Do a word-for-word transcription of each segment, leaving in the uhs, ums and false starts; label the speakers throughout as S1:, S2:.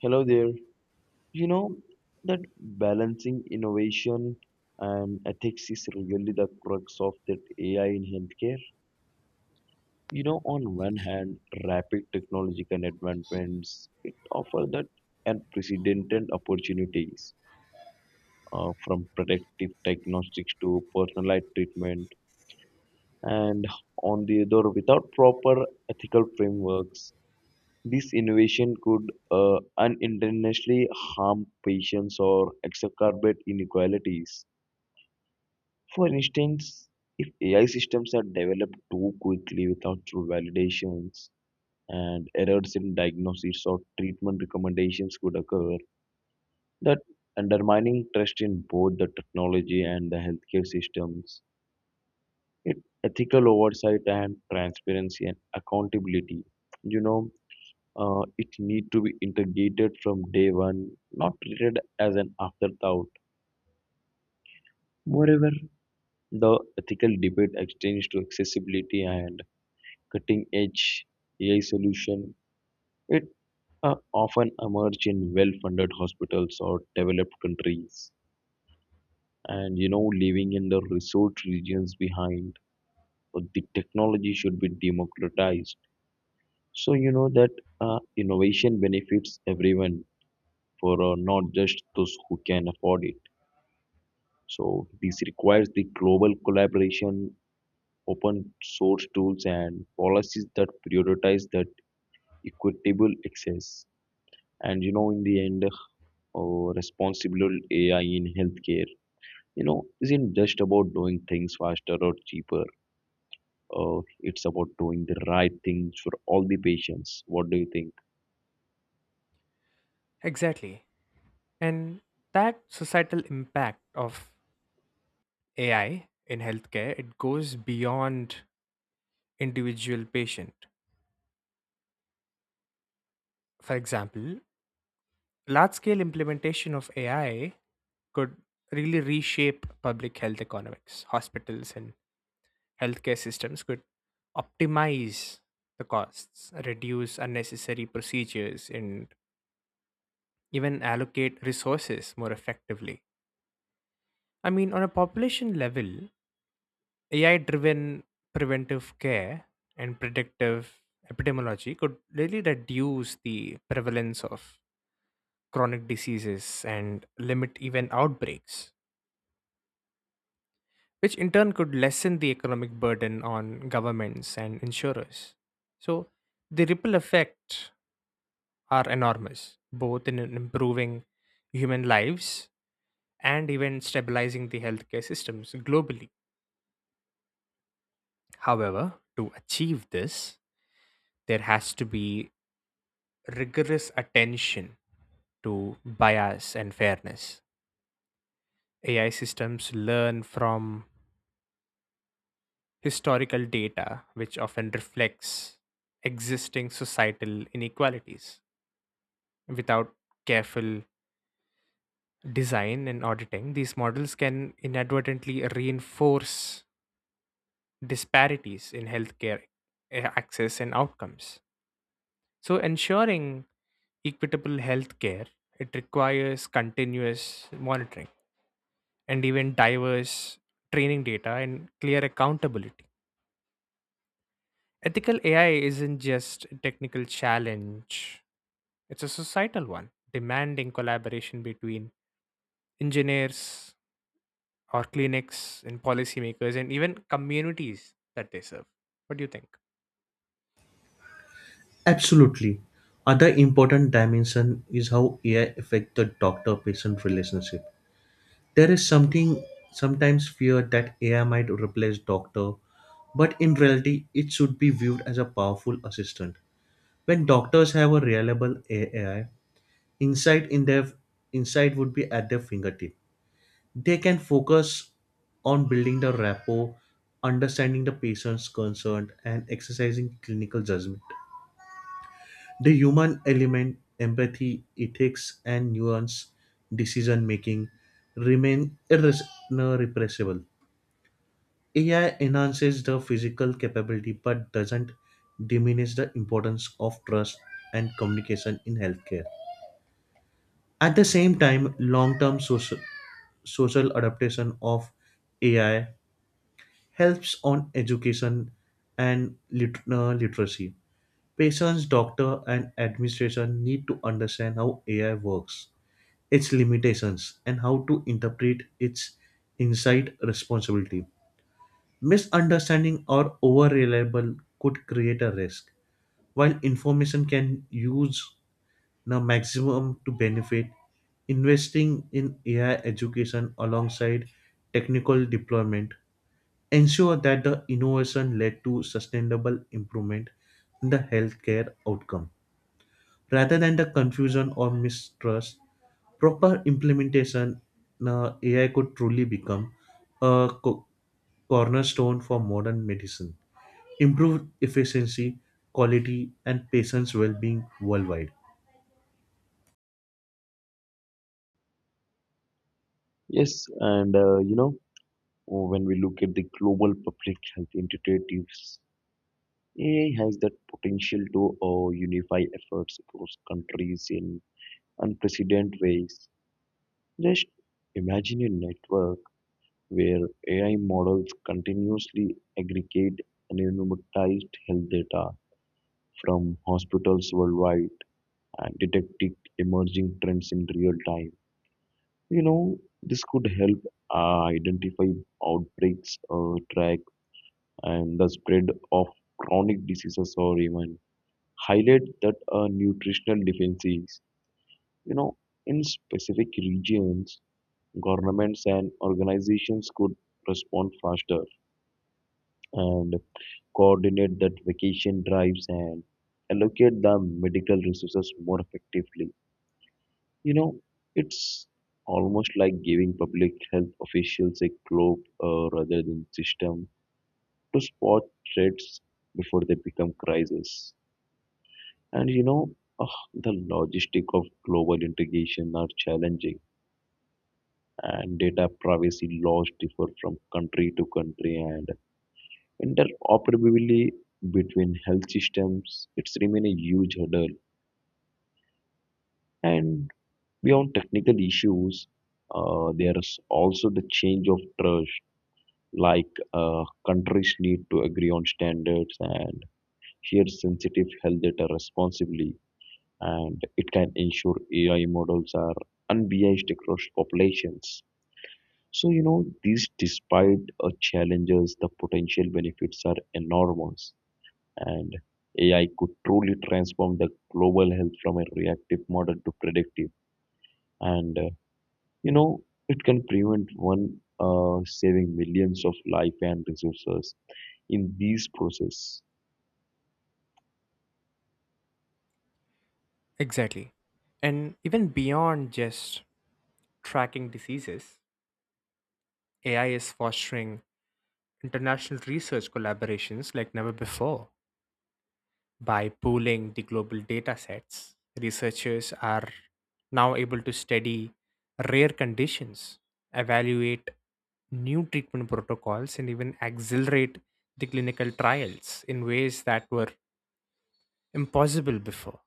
S1: Hello there. You know that balancing innovation and ethics is really the crux of that A I in healthcare. You know, on one hand, rapid technological advancements it offer that unprecedented opportunities, uh, from predictive diagnostics to personalized treatment, and on the other, without proper ethical frameworks, this innovation could uh, unintentionally harm patients or exacerbate inequalities. For instance, if A I systems are developed too quickly without true validations, and errors in diagnosis or treatment recommendations could occur, that undermining trust in both the technology and the healthcare systems. It ethical oversight and transparency and accountability. You know, uh, it need to be integrated from day one, not treated as an afterthought. Moreover, the ethical debate extends to accessibility and cutting-edge A I solution. It uh, often emerge in well-funded hospitals or developed countries, and you know, leaving in the resource regions behind. But the technology should be democratized, so you know that uh, innovation benefits everyone for uh, not just those who can afford it. So this requires the global collaboration, open source tools, and policies that prioritize that equitable access. And you know, in the end, uh, Responsible A I in healthcare, you know, isn't just about doing things faster or cheaper. Uh, it's about doing the right things for all the patients. What do you think?
S2: Exactly. And that societal impact of A I in healthcare, it goes beyond individual patient. For example, large-scale implementation of A I could really reshape public health economics. Hospitals and healthcare systems could optimize the costs, reduce unnecessary procedures, and even allocate resources more effectively. I mean, on a population level, A I-driven preventive care and predictive epidemiology could really reduce the prevalence of chronic diseases and limit even outbreaks, which in turn could lessen the economic burden on governments and insurers. So, the ripple effects are enormous, both in improving human lives and even stabilizing the healthcare systems globally. However, to achieve this, there has to be rigorous attention to bias and fairness. A I systems learn from historical data, which often reflects existing societal inequalities. Without careful design and auditing, these models can inadvertently reinforce disparities in healthcare eh, access and outcomes. So, ensuring equitable healthcare it requires continuous monitoring and even diverse training data and clear accountability. Ethical A I isn't just a technical challenge, it's a societal one, demanding collaboration between engineers or clinics and policymakers and even communities that they serve. What do you think?
S3: Absolutely. Other important dimension is how A I affect the doctor-patient relationship. There is something sometimes fear that A I might replace doctor, but in reality, it should be viewed as a powerful assistant. When doctors have a reliable A I, insight in their insight would be at their fingertip. They can focus on building the rapport, understanding the patient's concern, and exercising clinical judgment. The human element, empathy, ethics, and nuance decision making remain irres- no, A I enhances the physical capability but doesn't diminish the importance of trust and communication in healthcare. At the same time, long term social, social adaptation of A I helps on education and lit- uh, literacy. Patients, doctor, and administration need to understand how A I works, its limitations, and how to interpret its insight responsibility. Misunderstanding or over reliable could create a risk. While information can use the maximum to benefit, investing in A I education alongside technical deployment ensure that the innovation led to sustainable improvement in the healthcare outcome rather than the confusion or mistrust proper implementation, uh, A I could truly become a co- cornerstone for modern medicine, improve efficiency, quality, and patients' well-being worldwide.
S1: Yes, and uh, you know, when we look at the global public health initiatives, A I has the potential to uh, unify efforts across countries in unprecedented ways. Just imagine a network where A I models continuously aggregate anonymized health data from hospitals worldwide and detect emerging trends in real time. You know, this could help uh, identify outbreaks, uh, track, and the spread of chronic diseases or even highlight that uh, nutritional deficiencies, you know, in specific regions, governments and organizations could respond faster and coordinate that vacation drives and allocate the medical resources more effectively. You know, it's almost like giving public health officials a globe uh, rather than system to spot threats before they become crises. And you know, ugh, The logistic of global integration are challenging, and data privacy laws differ from country to country, and interoperability between health systems it's remain a huge hurdle. And beyond technical issues, uh, there is also the change of trust. Like uh, countries need to agree on standards and share sensitive health data responsibly and it can ensure A I models are unbiased across populations. So, you know, these despite uh, challenges, the potential benefits are enormous, and A I could truly transform the global health from a reactive model to predictive. And, uh, you know, it can prevent one uh, saving millions of life and resources in these process.
S2: Exactly. And even beyond just tracking diseases, A I is fostering international research collaborations like never before. By pooling the global data sets, researchers are now able to study rare conditions, evaluate new treatment protocols, and even accelerate the clinical trials in ways that were impossible before.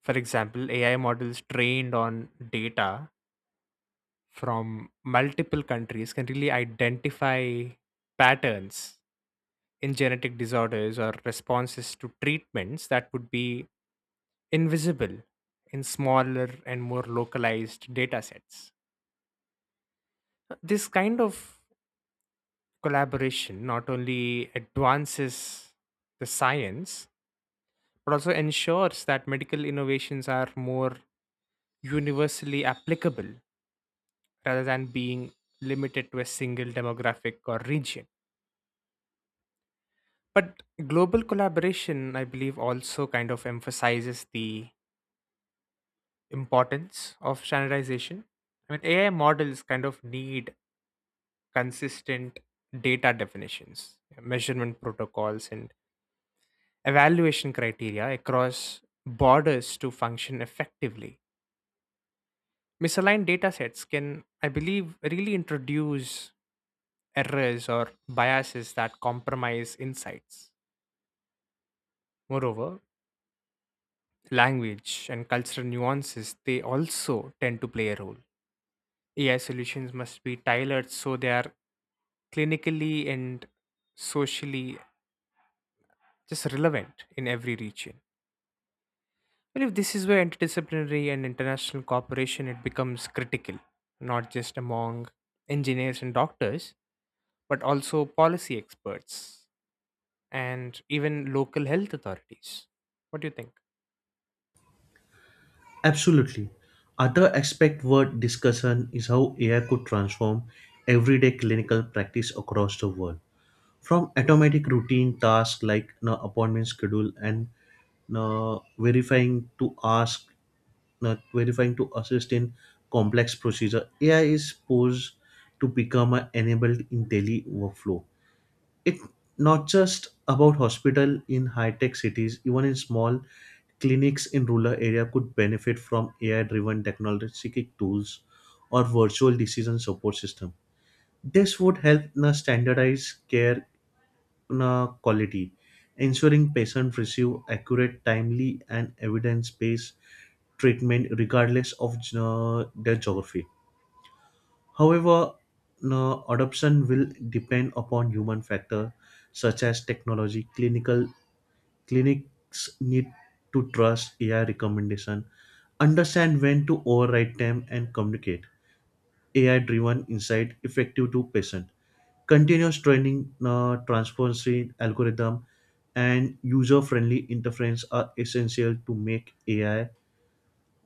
S2: For example, A I models trained on data from multiple countries can really identify patterns in genetic disorders or responses to treatments that would be invisible in smaller and more localized data sets. This kind of collaboration not only advances the science, but also ensures that medical innovations are more universally applicable rather than being limited to a single demographic or region. But global collaboration, I believe, also kind of emphasizes the importance of standardization. I mean, A I models kind of need consistent data definitions, measurement protocols, and evaluation criteria across borders to function effectively. Misaligned data sets can, I believe, really introduce errors or biases that compromise insights. Moreover, language and cultural nuances they also tend to play a role. A I solutions must be tailored so they are clinically and socially just relevant in every region. Well, if this is where interdisciplinary and international cooperation it becomes critical, not just among engineers and doctors, but also policy experts and even local health authorities. What do you think?
S3: Absolutely. Other aspect worth discussion is how A I could transform everyday clinical practice across the world. From automatic routine tasks like you know, appointment schedule and uh, verifying to ask uh, verifying to assist in complex procedure. A I is posed to become an enabled in daily workflow. It not just about hospital in high-tech cities, even in small clinics in rural area could benefit from A I-driven technological tools or virtual decision support system. This would help na standardize care uh, quality, ensuring patients receive accurate, timely, and evidence-based treatment regardless of uh, their geography. However, no, adoption will depend upon human factor such as technology. Clinical Clinics need to trust A I recommendation, understand when to override them, and communicate A I-driven insight effective to patient continuous training, uh, transparency algorithm and user-friendly interference are essential to make A I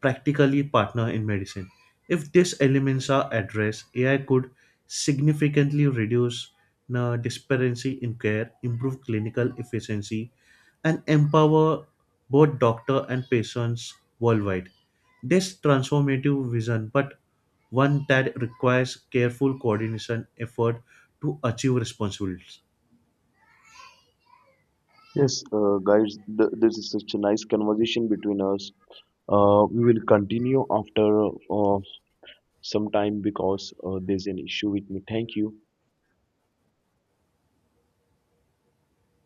S3: practically partner in medicine. If these elements are addressed, A I could significantly reduce uh, disparity in care, improve clinical efficiency, and empower both doctor and patients worldwide. This transformative vision, but one that requires careful coordination effort to achieve responsibilities.
S1: Yes, uh, guys, th this is such a nice conversation between us. Uh, we will continue after uh, some time because uh, there's an issue with me. Thank you.